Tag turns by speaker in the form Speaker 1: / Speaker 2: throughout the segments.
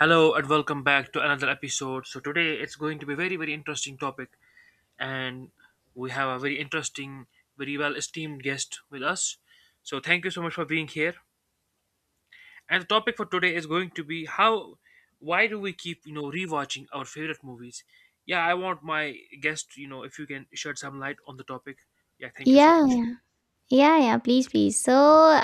Speaker 1: Hello and welcome back to another episode. So today it's going to be very very interesting topic, and we have a very interesting, very well esteemed guest with us. So thank you so much for being here. And the topic for today is going to be how why do we keep rewatching our favorite movies? Yeah, I want my guest, if you can shed some light on the topic. Yeah, thank you so
Speaker 2: Yeah,
Speaker 1: much.
Speaker 2: yeah, yeah, yeah. Please, please. So,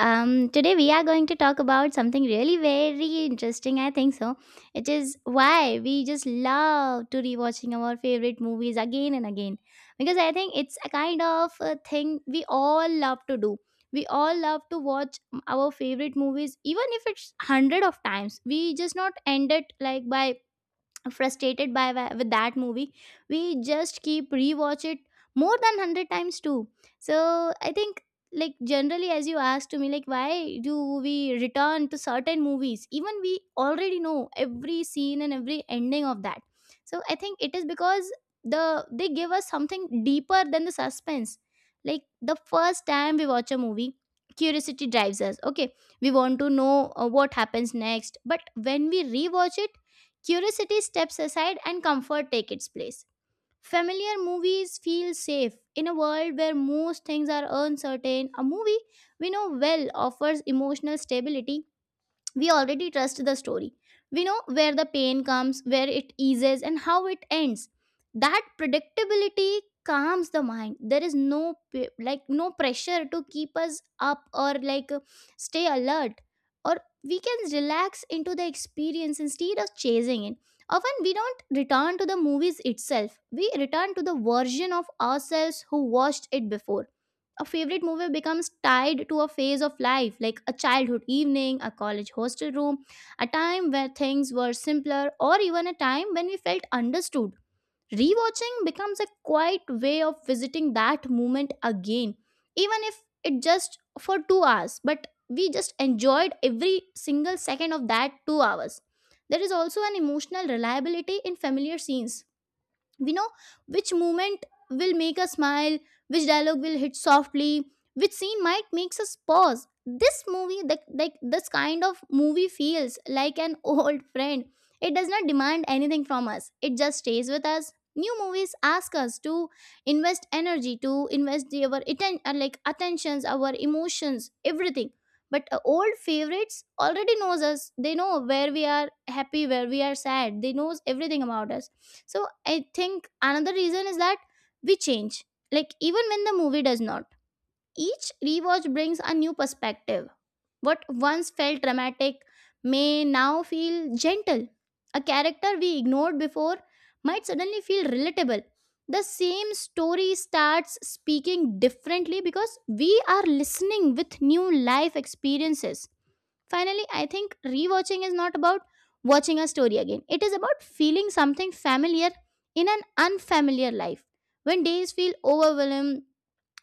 Speaker 2: today we are going to talk about something really very interesting, I think so. It is why we just love to rewatching our favorite movies again and again because I think it's a kind of a thing we all love to do. We all love to watch our favorite movies, even if it's hundred of times. We just not end it like by frustrated by with that movie, we just keep rewatch it more than 100 times too. So I think, like, generally as you asked to me, like, why do we return to certain movies even we already know every scene and every ending of that? So I think it is because they give us something deeper than the suspense. Like the first time we watch a movie, curiosity drives us, okay, we want to know what happens next, but when we rewatch it, curiosity steps aside and comfort take its place. Familiar movies feel safe. In a world where most things are uncertain, a movie we know well offers emotional stability. We already trust the story, we know where the pain comes, where it eases, and how it ends. That predictability calms the mind. There is no pressure to keep us up or like, stay alert, or we can relax into the experience instead of chasing it. Often we don't return to the movies itself, we return to the version of ourselves who watched it before. A favorite movie becomes tied to a phase of life, like a childhood evening, a college hostel room, a time where things were simpler, or even a time when we felt understood. Rewatching becomes a quiet way of visiting that moment again, even if it just for 2 hours, but we just enjoyed every single second of that 2 hours. There is also an emotional reliability in familiar scenes. We know which movement will make us smile, which dialogue will hit softly, which scene might makes us pause. This movie, like this kind of movie feels like an old friend. It does not demand anything from us, it just stays with us. New movies ask us to invest energy, to invest our attentions, our emotions, everything, but old favorites already knows us. They know where we are happy, where we are sad, they knows everything about us. So I think another reason is that we change, like even when the movie does not. Each rewatch brings a new perspective. What once felt dramatic may now feel gentle. A character we ignored before might suddenly feel relatable. The same story starts speaking differently because we are listening with new life experiences. Finally, I think rewatching is not about watching a story again. It is about feeling something familiar in an unfamiliar life. When days feel overwhelmed,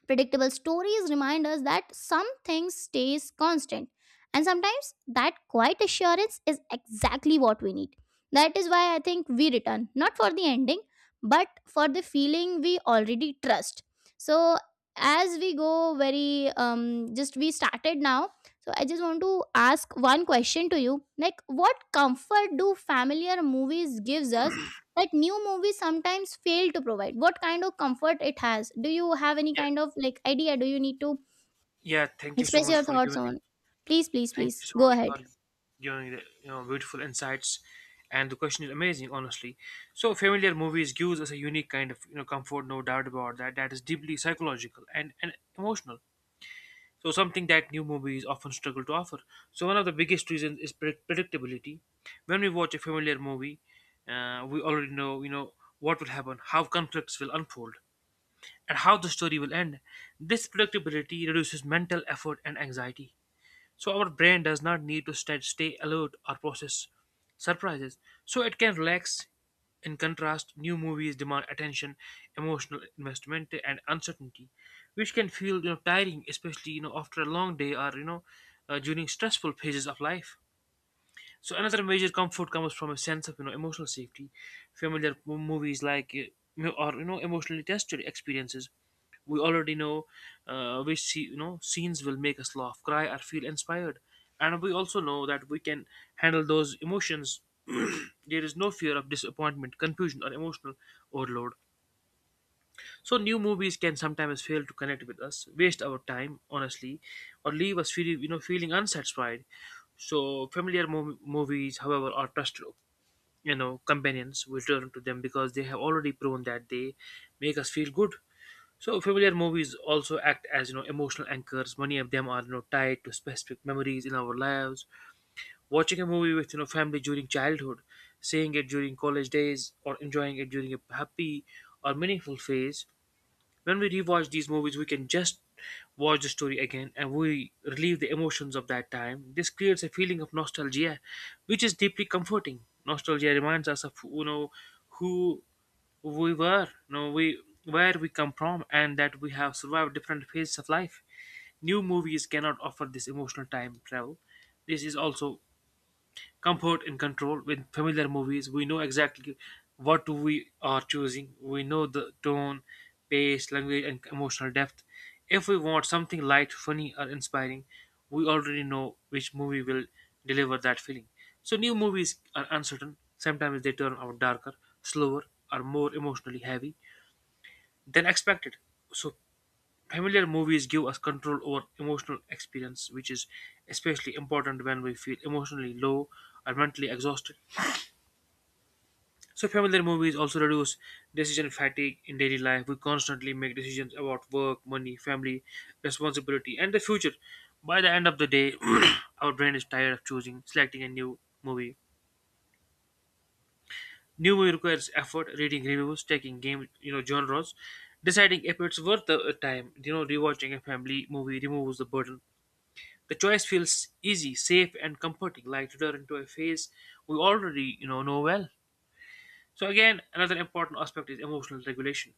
Speaker 2: predictable stories remind us that some things stays constant, and sometimes that quiet assurance is exactly what we need. That is why I think we return not for the ending but for the feeling we already trust. So, as we go very just we started now, so I just want to ask one question to you. Like, what comfort do familiar movies gives us that new movies sometimes fail to provide? What kind of comfort it has? Do you have any
Speaker 1: Yeah,
Speaker 2: kind of like idea, do you need to
Speaker 1: yeah,
Speaker 2: express your thoughts on? Please, please,
Speaker 1: Thank you
Speaker 2: please
Speaker 1: so
Speaker 2: go
Speaker 1: much
Speaker 2: ahead.
Speaker 1: for giving the beautiful insights, and the question is amazing, honestly. So familiar movies gives us a unique kind of comfort, no doubt about that. That is deeply psychological, and emotional. So something that new movies often struggle to offer. So one of the biggest reasons is predictability. When we watch a familiar movie, we already know what will happen, how conflicts will unfold, and how the story will end. This predictability reduces mental effort and anxiety, so our brain does not need to stay alert or process surprises. So it can relax. In contrast, new movies demand attention, emotional investment, and uncertainty, which can feel tiring, especially after a long day, or during stressful phases of life. So another major comfort comes from a sense of emotional safety. Familiar movies like or emotionally tested experiences. We already know, which scenes will make us laugh, cry, or feel inspired, and we also know that we can handle those emotions. There is no fear of disappointment, confusion, or emotional overload. So new movies can sometimes fail to connect with us, waste our time, honestly, or leave us feeling, feeling unsatisfied. So familiar movies, however, are trusted, companions. We turn to them because they have already proven that they make us feel good. So familiar movies also act as emotional anchors. Many of them are tied to specific memories in our lives. Watching a movie with family during childhood, seeing it during college days, or enjoying it during a happy or meaningful phase, when we rewatch these movies, we can just watch the story again and we relieve the emotions of that time. This creates a feeling of nostalgia, which is deeply comforting. Nostalgia reminds us of who we were, we where we come from, and that we have survived different phases of life. New movies cannot offer this emotional time travel. This is also comfort and control. With familiar movies, we know exactly what we are choosing. We know the tone, pace, language, and emotional depth. If we want something light, funny, or inspiring, we already know which movie will deliver that feeling. So new movies are uncertain. Sometimes they turn out darker, slower, or more emotionally heavy than expected. So familiar movies give us control over emotional experience, which is especially important when we feel emotionally low or mentally exhausted. So familiar movies also reduce decision fatigue in daily life. We constantly make decisions about work, money, family, responsibility, and the future. By the end of the day, our brain is tired of choosing, selecting a new movie. New movie requires effort, reading reviews, taking game, genres, deciding if it's worth the time. Rewatching a family movie removes the burden. The choice feels easy, safe, and comforting, like returning to a phase we already, know well. So again, another important aspect is emotional regulation.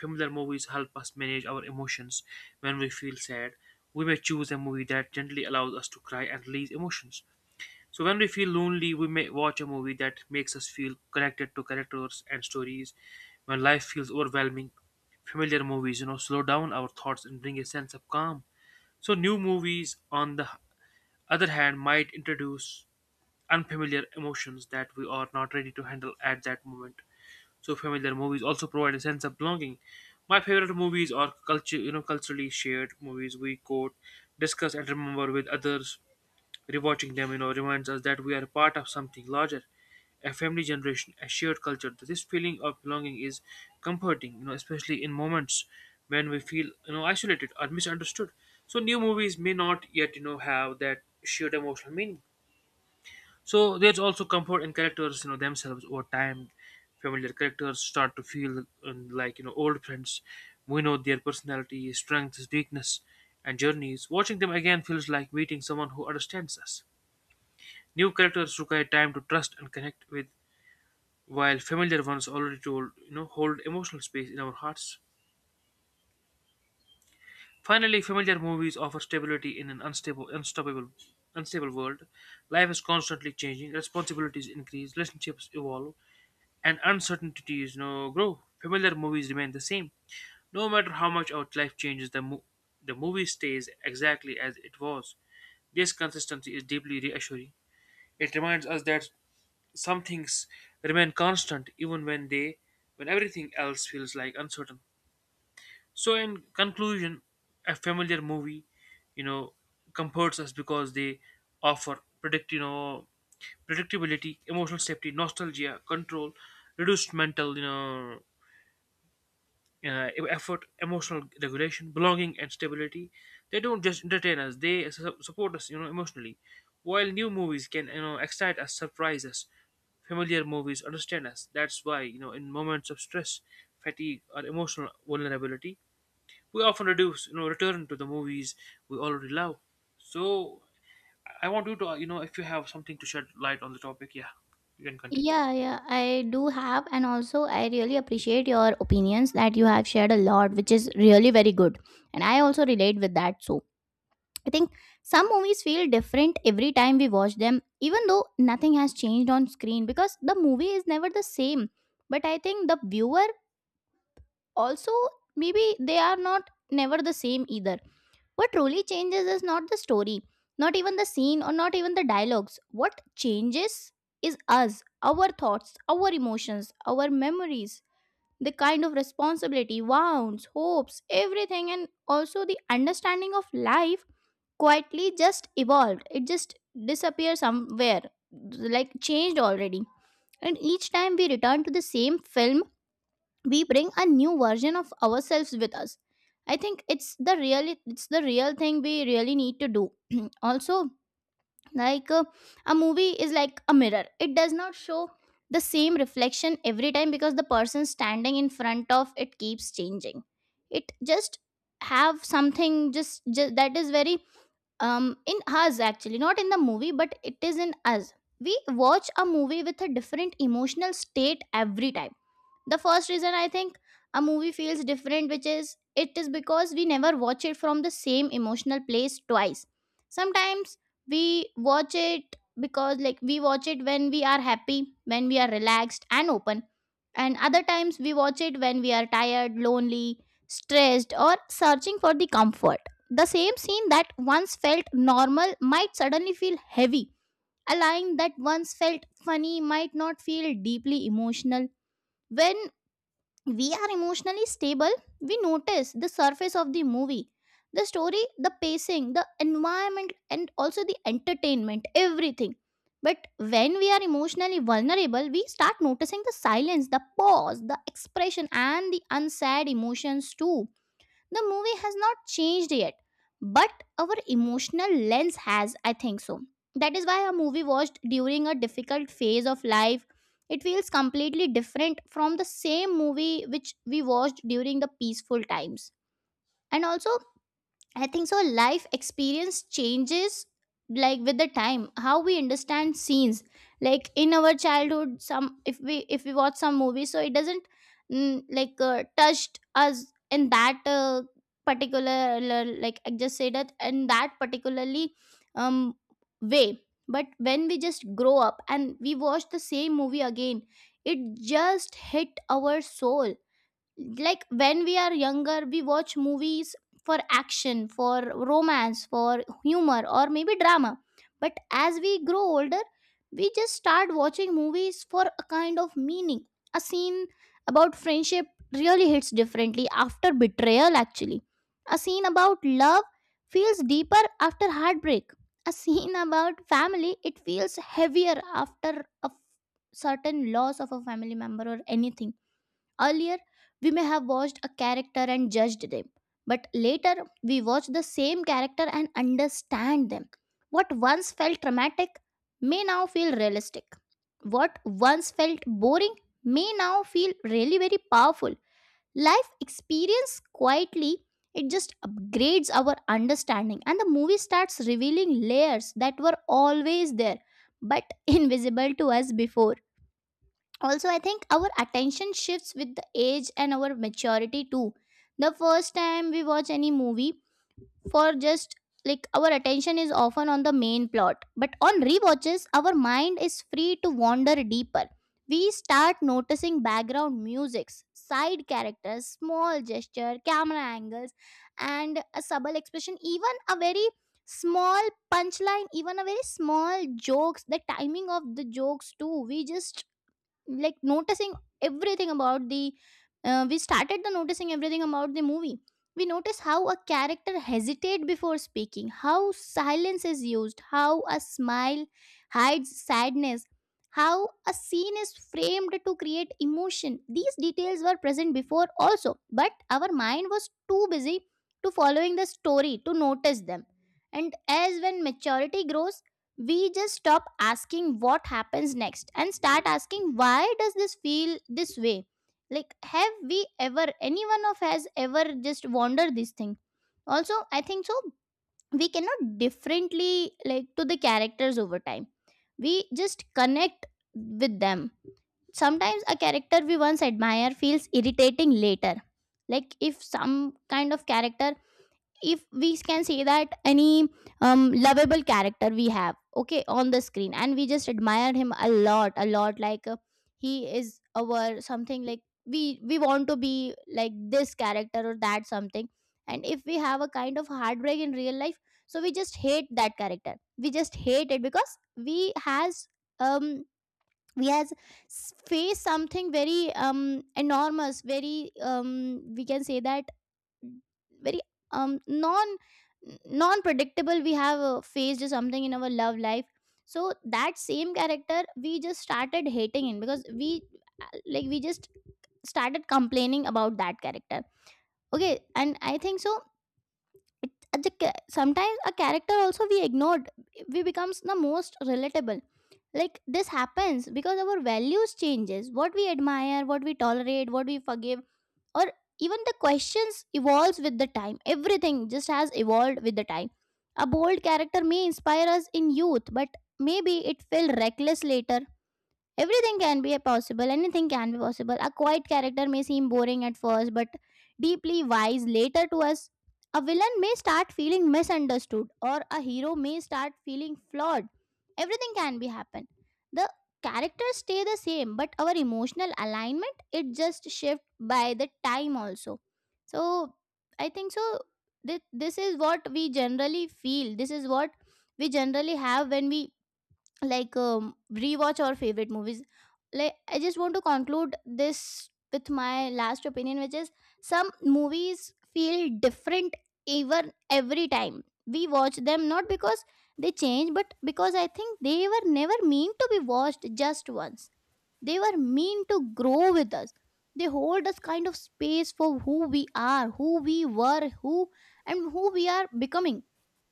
Speaker 1: Familiar movies help us manage our emotions when we feel sad. We may choose a movie that gently allows us to cry and release emotions. So, when we feel lonely, we may watch a movie that makes us feel connected to characters and stories. When life feels overwhelming, familiar movies, slow down our thoughts and bring a sense of calm. So, new movies, on the other hand, might introduce unfamiliar emotions that we are not ready to handle at that moment. So familiar movies also provide a sense of belonging. My favorite movies are culturally shared movies we quote, discuss, and remember with others. Rewatching them, reminds us that we are part of something larger, a family generation, a shared culture. This feeling of belonging is comforting, especially in moments when we feel, isolated or misunderstood. So new movies may not yet, have that shared emotional meaning. So there's also comfort in characters, themselves over time. Familiar characters start to feel like old friends. We know their personality, strengths, weakness, and journeys. Watching them again feels like meeting someone who understands us. New characters require time to trust and connect with, while familiar ones already told hold emotional space in our hearts. Finally, familiar movies offer stability in an unstable, unstoppable, unstable world. Life is constantly changing, responsibilities increase, relationships evolve, and uncertainties grow. Familiar movies remain the same. No matter how much our life changes, the movie stays exactly as it was. This consistency is deeply reassuring. It reminds us that some things remain constant even when everything else feels like uncertain. So, in conclusion, a familiar movie, you know, comforts us because they offer predictability, emotional safety, nostalgia, control, reduced mental, effort, emotional regulation, belonging, and stability. They don't just entertain us; they support us, emotionally. While new movies can, excite us, surprise us, familiar movies understand us. That's why, in moments of stress, fatigue, or emotional vulnerability, we often reduce return to the movies we already love. So I want you to, if you have something to shed light on the topic, yeah, you can continue.
Speaker 2: Yeah, yeah, I do have, and also I really appreciate your opinions that you have shared a lot, which is really very good, and I also relate with that. So I think some movies feel different every time we watch them even though nothing has changed on screen, because the movie is never the same, but I think the viewer also, maybe they are not never the same either. What truly changes is not the story, not even the scene or not even the dialogues. What changes is us, our thoughts, our emotions, our memories, the kind of responsibility, wounds, hopes, everything, and also the understanding of life quietly just evolved. It just disappeared somewhere, like changed already. And each time we return to the same film, we bring a new version of ourselves with us. I think it's the real, it's the real thing we really need to do. Also, like, a movie is like a mirror. It does not show the same reflection every time because the person standing in front of it keeps changing. It just have something just that is very, um, in us. Actually, not in the movie, but it is in us. We watch a movie with a different emotional state every time. The first reason, I think, a movie feels different, which is, it is because we never watch it from the same emotional place twice. Sometimes we watch it because, like, we watch it when we are happy, when we are relaxed and open, and other times we watch it when we are tired, lonely, stressed, or searching for the comfort. The same scene that once felt normal might suddenly feel heavy. A line that once felt funny might not feel deeply emotional. When we are emotionally stable, we notice the surface of the movie, the story, the pacing, the environment, and also the entertainment, everything. But when we are emotionally vulnerable, we start noticing the silence, the pause, the expression, and the unsaid emotions too. The movie has not changed yet, but our emotional lens has, I think so. That is why a movie watched during a difficult phase of life, it feels completely different from the same movie which we watched during the peaceful times. And also, I think so, life experience changes, like with the time how we understand scenes. Like in our childhood, some, if we watch some movie, so it doesn't, touched us in that, particular like I just said that in that particularly, um, way. But when we just grow up and we watch the same movie again, it just hit our soul. Like when we are younger, we watch movies for action, for romance, for humor, or maybe drama, but as we grow older, we just start watching movies for a kind of meaning. A scene about friendship really hits differently after betrayal, actually. A scene about love feels deeper after heartbreak. A scene about family, it feels heavier after a certain loss of a family member or anything. Earlier, we may have watched a character and judged them, but later we watch the same character and understand them. What once felt dramatic may now feel realistic. What once felt boring may now feel really very powerful. Life experience quietly, it just upgrades our understanding, and the movie starts revealing layers that were always there but invisible to us before. Also, I think our attention shifts with the age and our maturity too. The first time we watch any movie, for just, like, our attention is often on the main plot, but on rewatches our mind is free to wander deeper. We start noticing background musics, side characters, small gesture, camera angles, and a subtle expression, even a very small punchline, even a very small jokes, the timing of the jokes too. We just like noticing everything about the, we started the noticing everything about the movie. We notice how a character hesitate before speaking, how silence is used, how a smile hides sadness, how a scene is framed to create emotion. These details were present before also, but our mind was too busy to following the story to notice them. And as when maturity grows, we just stop asking what happens next and start asking why does this feel this way. Like, have we ever, anyone of us ever just wonder this thing? Also, I think so, we cannot differently like to the characters over time. We just connect with them. Sometimes a character we once admire feels irritating later. Like, if some kind of character, if we can say that any, lovable character we have, okay, on the screen, and we just admire him a lot, like, he is our something, like we want to be like this character or that something, and if we have a kind of heartbreak in real life, so we just hate that character, we just hate it because we has, um, we has faced something very, um, enormous, very, um, we can say that very, um, non non predictable, we have faced something in our love life. So that same character we just started hating him because we, like we just started complaining about that character, okay. And I think so it, sometimes a character also we ignored, we becomes the most relatable. Like this happens because our values changes what we admire, what we tolerate, what we forgive, or even the questions evolves with the time. Everything just has evolved with the time. A bold character may inspire us in youth, but maybe it felt reckless later. Everything can be possible, anything can be possible. A quiet character may seem boring at first, but deeply wise later to us. A villain may start feeling misunderstood, or a hero may start feeling flawed. Everything can be happen. The characters stay the same, but our emotional alignment it just shift by the time also. So I think so. This is what we generally feel. This is what we generally have when we, like, rewatch our favorite movies. Like, I just want to conclude this with my last opinion, which is some movies feel different even every time we watch them, not because they change, but because I think they were never meant to be watched just once. They were meant to grow with us. They hold us kind of space for who we are, who we were, who and who we are becoming.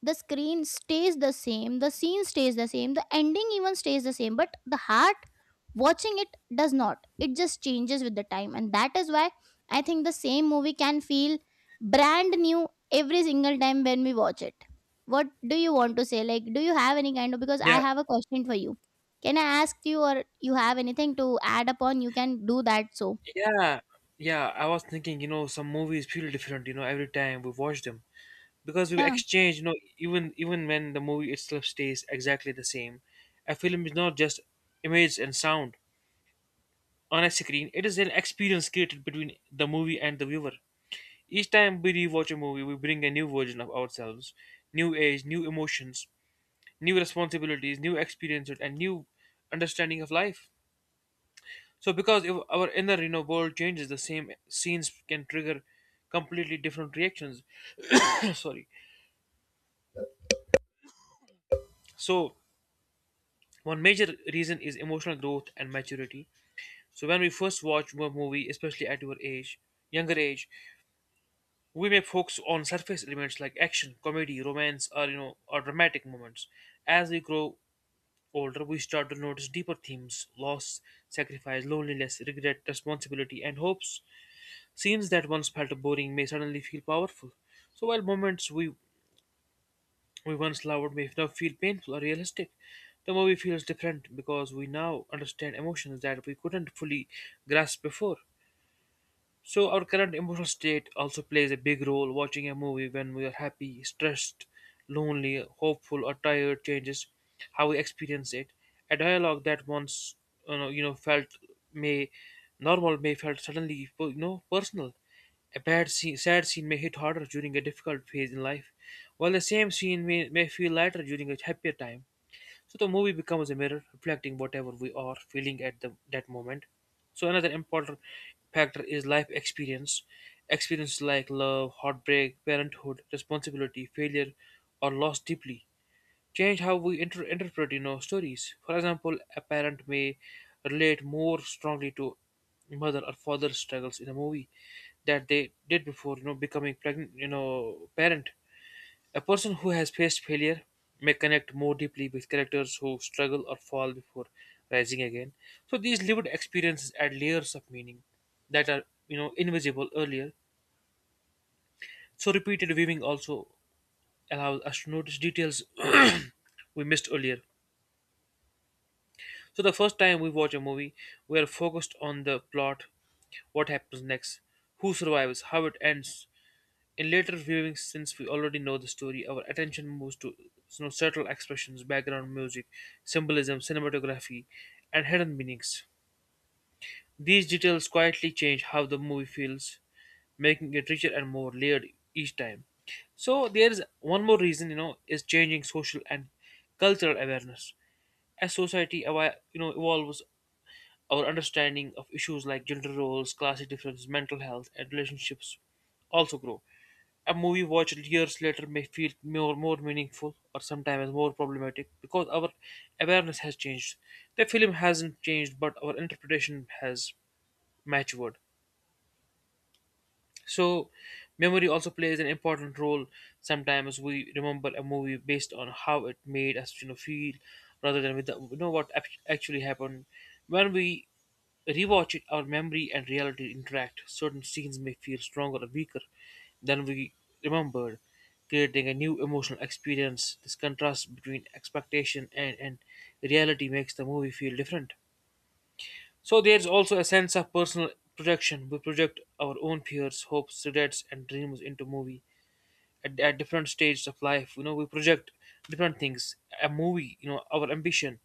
Speaker 2: The screen stays the same, the scene stays the same, the ending even stays the same, but the heart watching it does not. It just changes with the time, and that is why I think the same movie can feel brand new every single time when we watch it. What do you want to say? Like, do you have any kind of, because I
Speaker 1: Yeah,
Speaker 2: have a question for you? Can I ask you, or you have anything to add upon? You can do that. So
Speaker 1: yeah, yeah. I was thinking, some movies feel different, every time we watch them because we
Speaker 2: yeah,
Speaker 1: exchange, even when the movie itself stays exactly the same, a film is not just image and sound on a screen; it is an experience created between the movie and the viewer. Each time we rewatch a movie, we bring a new version of ourselves, new age, new emotions, new responsibilities, new experiences, and new understanding of life. So, because if our inner world changes, the same scenes can trigger completely different reactions. Sorry. So, one major reason is emotional growth and maturity. So, when we first watch a movie, especially younger age, we may focus on surface elements like action, comedy, romance, or dramatic moments. As we grow older, we start to notice deeper themes: loss, sacrifice, loneliness, regret, responsibility, and hopes. Scenes that once felt boring may suddenly feel powerful. So, while moments we once loved may now feel painful or realistic, the movie feels different because we now understand emotions that we couldn't fully grasp before. So our current emotional state also plays a big role. Watching a movie when we are happy, stressed, lonely, hopeful, or tired changes how we experience it. A dialogue that once felt may may felt suddenly personal. A bad scene, sad scene may hit harder during a difficult phase in life, while the same scene may feel lighter during a happier time. So the movie becomes a mirror reflecting whatever we are feeling at that moment. So another important factor is life experience. Experiences like love, heartbreak, parenthood, responsibility, failure, or loss deeply change how we interpret stories. For example, a parent may relate more strongly to mother or father's struggles in a movie that they did before becoming pregnant you know parent. A person who has faced failure may connect more deeply with characters who struggle or fall before rising again. So these lived experiences add layers of meaning that are, invisible earlier. So repeated viewing also allows us to notice details we missed earlier. So the first time we watch a movie, we are focused on the plot, what happens next, who survives, how it ends. In later viewings, since we already know the story, our attention moves to subtle expressions, background music, symbolism, cinematography, and hidden meanings. These details quietly change how the movie feels, making it richer and more layered each time. So there is one more reason, is changing social and cultural awareness. As society evolves, our understanding of issues like gender roles, class differences, mental health, and relationships also grow. A movie watched years later may feel more meaningful or sometimes more problematic because our awareness has changed. The film hasn't changed, but our interpretation has matured. So, memory also plays an important role. Sometimes we remember a movie based on how it made us, feel, rather than with the what actually happened. When we rewatch it, our memory and reality interact. Certain scenes may feel stronger or weaker than we remembered, creating a new emotional experience. This contrast between expectation and reality makes the movie feel different. So there's also a sense of personal projection. We project our own fears, hopes, regrets, and dreams into movie at different stages of life. We project different things. A movie, our ambition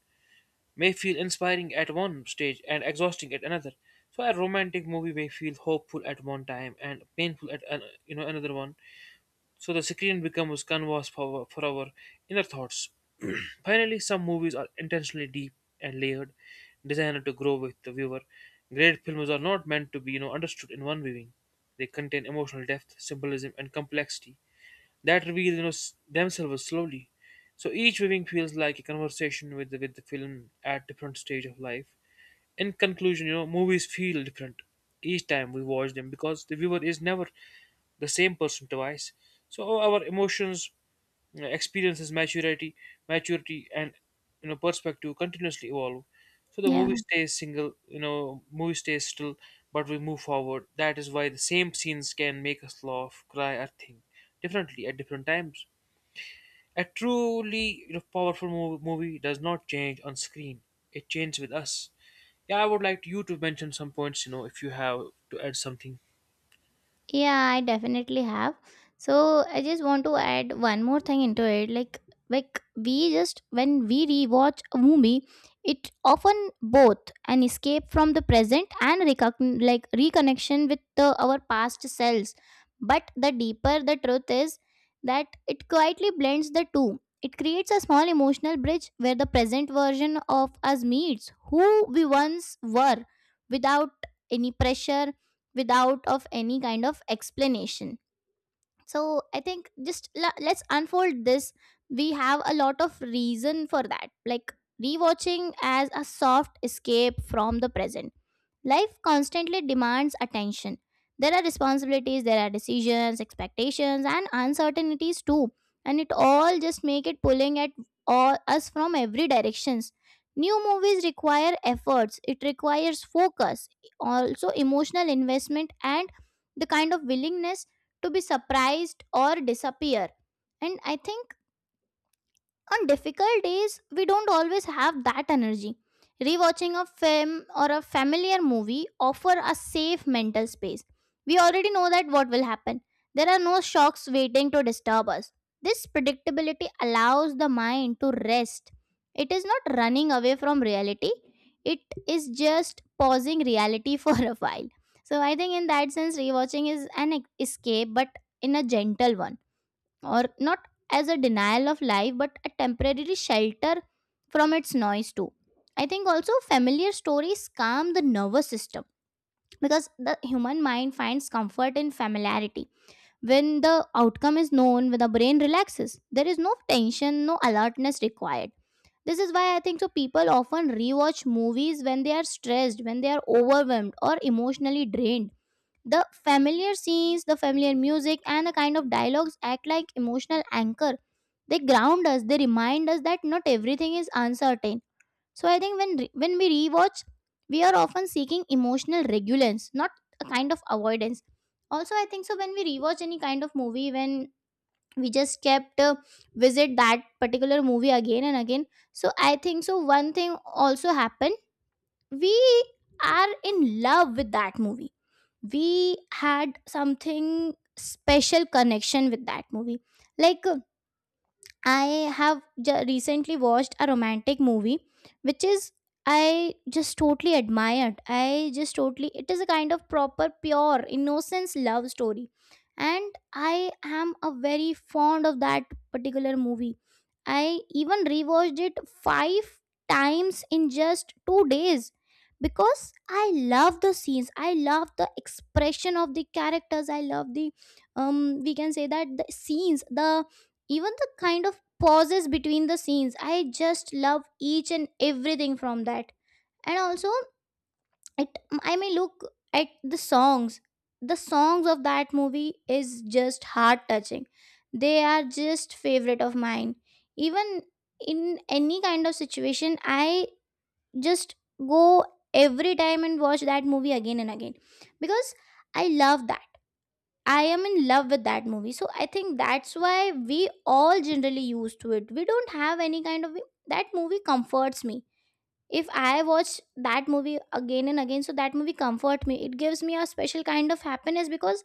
Speaker 1: may feel inspiring at one stage and exhausting at another. So a romantic movie may feel hopeful at one time and painful at an, you know another one, so the screen becomes canvas for our inner thoughts. Finally, some movies are intentionally deep and layered, designed to grow with the viewer. Great films are not meant to be understood in one viewing. They contain emotional depth, symbolism, and complexity that reveal themselves slowly. So each viewing feels like a conversation with the film at different stage of life. In conclusion, movies feel different each time we watch them because the viewer is never the same person twice. So our emotions, experiences, maturity, and perspective continuously evolve. So the
Speaker 2: yeah.
Speaker 1: movie stays single, movie stays still, but we move forward. That is why the same scenes can make us laugh, cry, or think differently at different times. A truly powerful movie does not change on screen; it changes with us. Yeah, I would like you to mention some points, you know, if you have to add something.
Speaker 2: Yeah, I definitely have. So I just want to add one more thing into it. Like we just when we rewatch a movie, it often both an escape from the present and like reconnection with the, our past selves. But the deeper the truth is that it quietly blends the two. It creates a small emotional bridge where the present version of us meets who we once were, without any pressure, without of any kind of explanation. So I think, just let's unfold this. We have a lot of reason for that, like rewatching as a soft escape from the present. Life constantly demands attention. There are responsibilities, there are decisions, expectations, and uncertainties too. And it all just make it pulling at all us from every directions. New movies require efforts. It requires focus, also emotional investment, and the kind of willingness to be surprised or disappear. And I think on difficult days, we don't always have that energy. Rewatching a film or a familiar movie offer a safe mental space. We already know that what will happen. There are no shocks waiting to disturb us. This predictability allows the mind to rest. It is not running away from reality. It is just pausing reality for a while. So I think in that sense rewatching is an escape, but in a gentle one, or not as a denial of life, but a temporary shelter from its noise too. I think also familiar stories calm the nervous system, because the human mind finds comfort in familiarity. When the outcome is known, when the brain relaxes, there is no tension, no alertness required. This is why I think so people often rewatch movies when they are stressed, when they are overwhelmed or emotionally drained. The familiar scenes, the familiar music, and the kind of dialogues act like emotional anchor. They ground us, they remind us that not everything is uncertain. So I think when when we rewatch, we are often seeking emotional regulance, not a kind of avoidance. Also, I think so when we rewatch any kind of movie, when we just kept visit that particular movie again and again. So I think so one thing also happened. We are in love with that movie. We had something special connection with that movie. Like, I have recently watched a romantic movie, which is I just totally admired. I just totally, it is a kind of proper, pure, innocence love story. And I am a very fond of that particular movie. I even rewatched it five times in just 2 days, because I love the scenes. I love the expression of the characters. I love the, we can say that the scenes, the even the kind of pauses between the scenes. I just love each and everything from that. And also it, I may look at the songs. The songs of that movie is just heart touching. They are just favorite of mine. Even in any kind of situation, I just go every time and watch that movie again and again, because I love that. I am in love with that movie. So I think that's why we all generally used to it. We don't have any kind of, that movie comforts me. If I watch that movie again and again, so that movie comfort me. It gives me a special kind of happiness because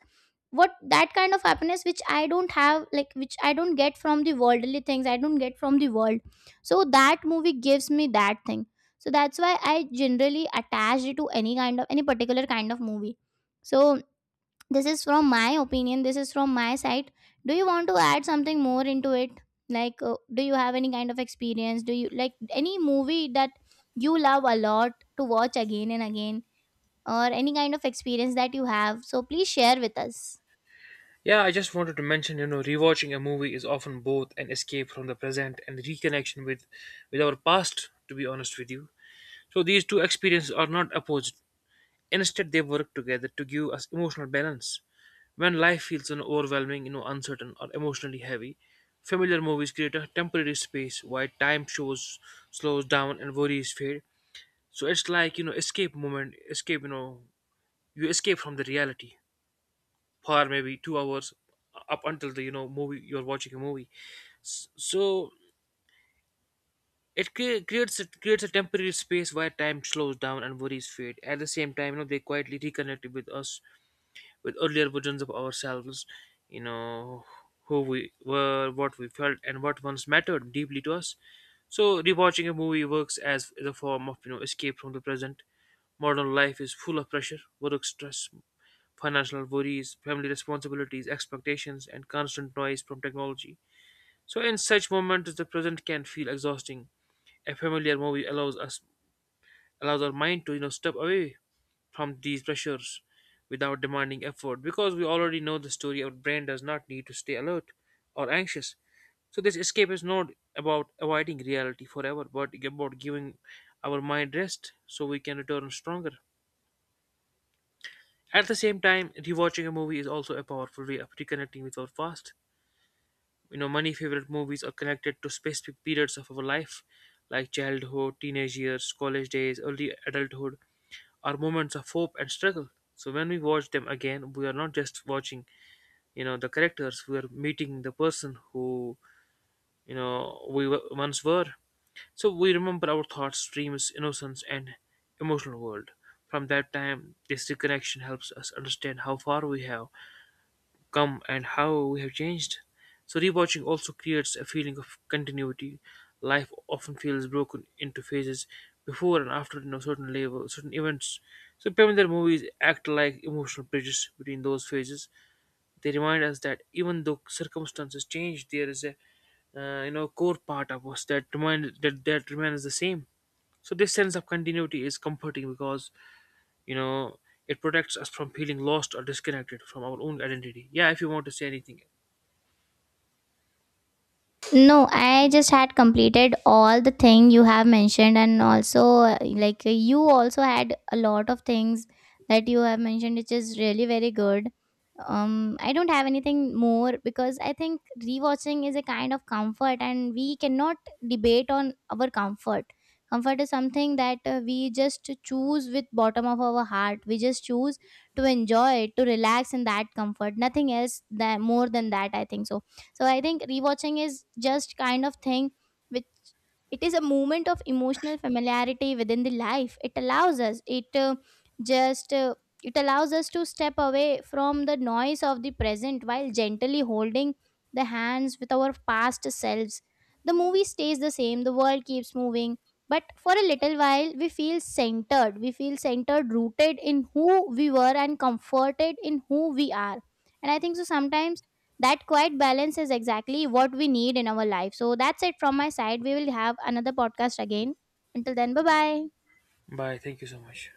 Speaker 2: what that kind of happiness which I don't have, like which I don't get from the worldly things, I don't get from the world. So that movie gives me that thing. So that's why I generally attach it to any kind of any particular kind of movie. So this is from my opinion, this is from my side. Do you want to add something more into it? Like, do you have any kind of experience? Do you like any movie that you love a lot to watch again and again, or any kind of experience that you have? So please share with us.
Speaker 1: Yeah, I just wanted to mention, you know, rewatching a movie is often both an escape from the present and reconnection with our past, to be honest with you. So these two experiences are not opposed. Instead, they work together to give us emotional balance. When life feels overwhelming, uncertain or emotionally heavy, familiar movies create a temporary space while time shows slows down and worries fade. So it's like, you know, escape moment, escape, you know, you escape from the reality for maybe 2 hours up until the movie, you're watching a movie. So it cre- creates it creates a temporary space where time slows down and worries fade at the same time, you know, they quietly reconnect with us with earlier versions of ourselves, you know, who we were, what we felt, and what once mattered deeply to us. So rewatching a movie works as the form of, you know, escape from the present. Modern life is full of pressure, work stress, financial worries, family responsibilities, expectations, and constant noise from technology. So, in such moments, the present can feel exhausting. A familiar movie allows our mind to, you know, step away from these pressures without demanding effort because we already know the story. Our brain does not need to stay alert or anxious. So, this escape is not about avoiding reality forever, but about giving our mind rest so we can return stronger. At the same time, rewatching a movie is also a powerful way of reconnecting with our past. You know, many favorite movies are connected to specific periods of our life, like childhood, teenage years, college days, early adulthood, or moments of hope and struggle. So when we watch them again, we are not just watching, you know, the characters. We are meeting the person who, you know, once were. So we remember our thoughts, dreams, innocence, and emotional world. From that time, this reconnection helps us understand how far we have come and how we have changed. So rewatching also creates a feeling of continuity. Life often feels broken into phases before and after, you know, certain level, certain events. So Pamela movies act like emotional bridges between those phases. They remind us that even though circumstances change, there is a you know, core part of us that remind that that remains the same. So this sense of continuity is comforting because, you know, it protects us from feeling lost or disconnected from our own identity. Yeah, if you want to say anything.
Speaker 2: No, I just had completed all the thing you have mentioned, and also like you also had a lot of things that you have mentioned, which is really very good. I don't have anything more, because I think rewatching is a kind of comfort, and we cannot debate on our comfort. Comfort is something that we just choose with bottom of our heart. We just choose to enjoy, to relax in that comfort. Nothing else that more than that, I think so. So I think rewatching is just kind of thing which, it is a moment of emotional familiarity within the life. It allows us, it just it allows us to step away from the noise of the present while gently holding the hands with our past selves. The movie stays the same, the world keeps moving, but for a little while we feel centered, we feel centered, rooted in who we were, and comforted in who we are. And I think so sometimes that quiet balance is exactly what we need in our life. So that's it from my side. We will have another podcast again. Until then, bye bye.
Speaker 1: Bye. Thank you so much.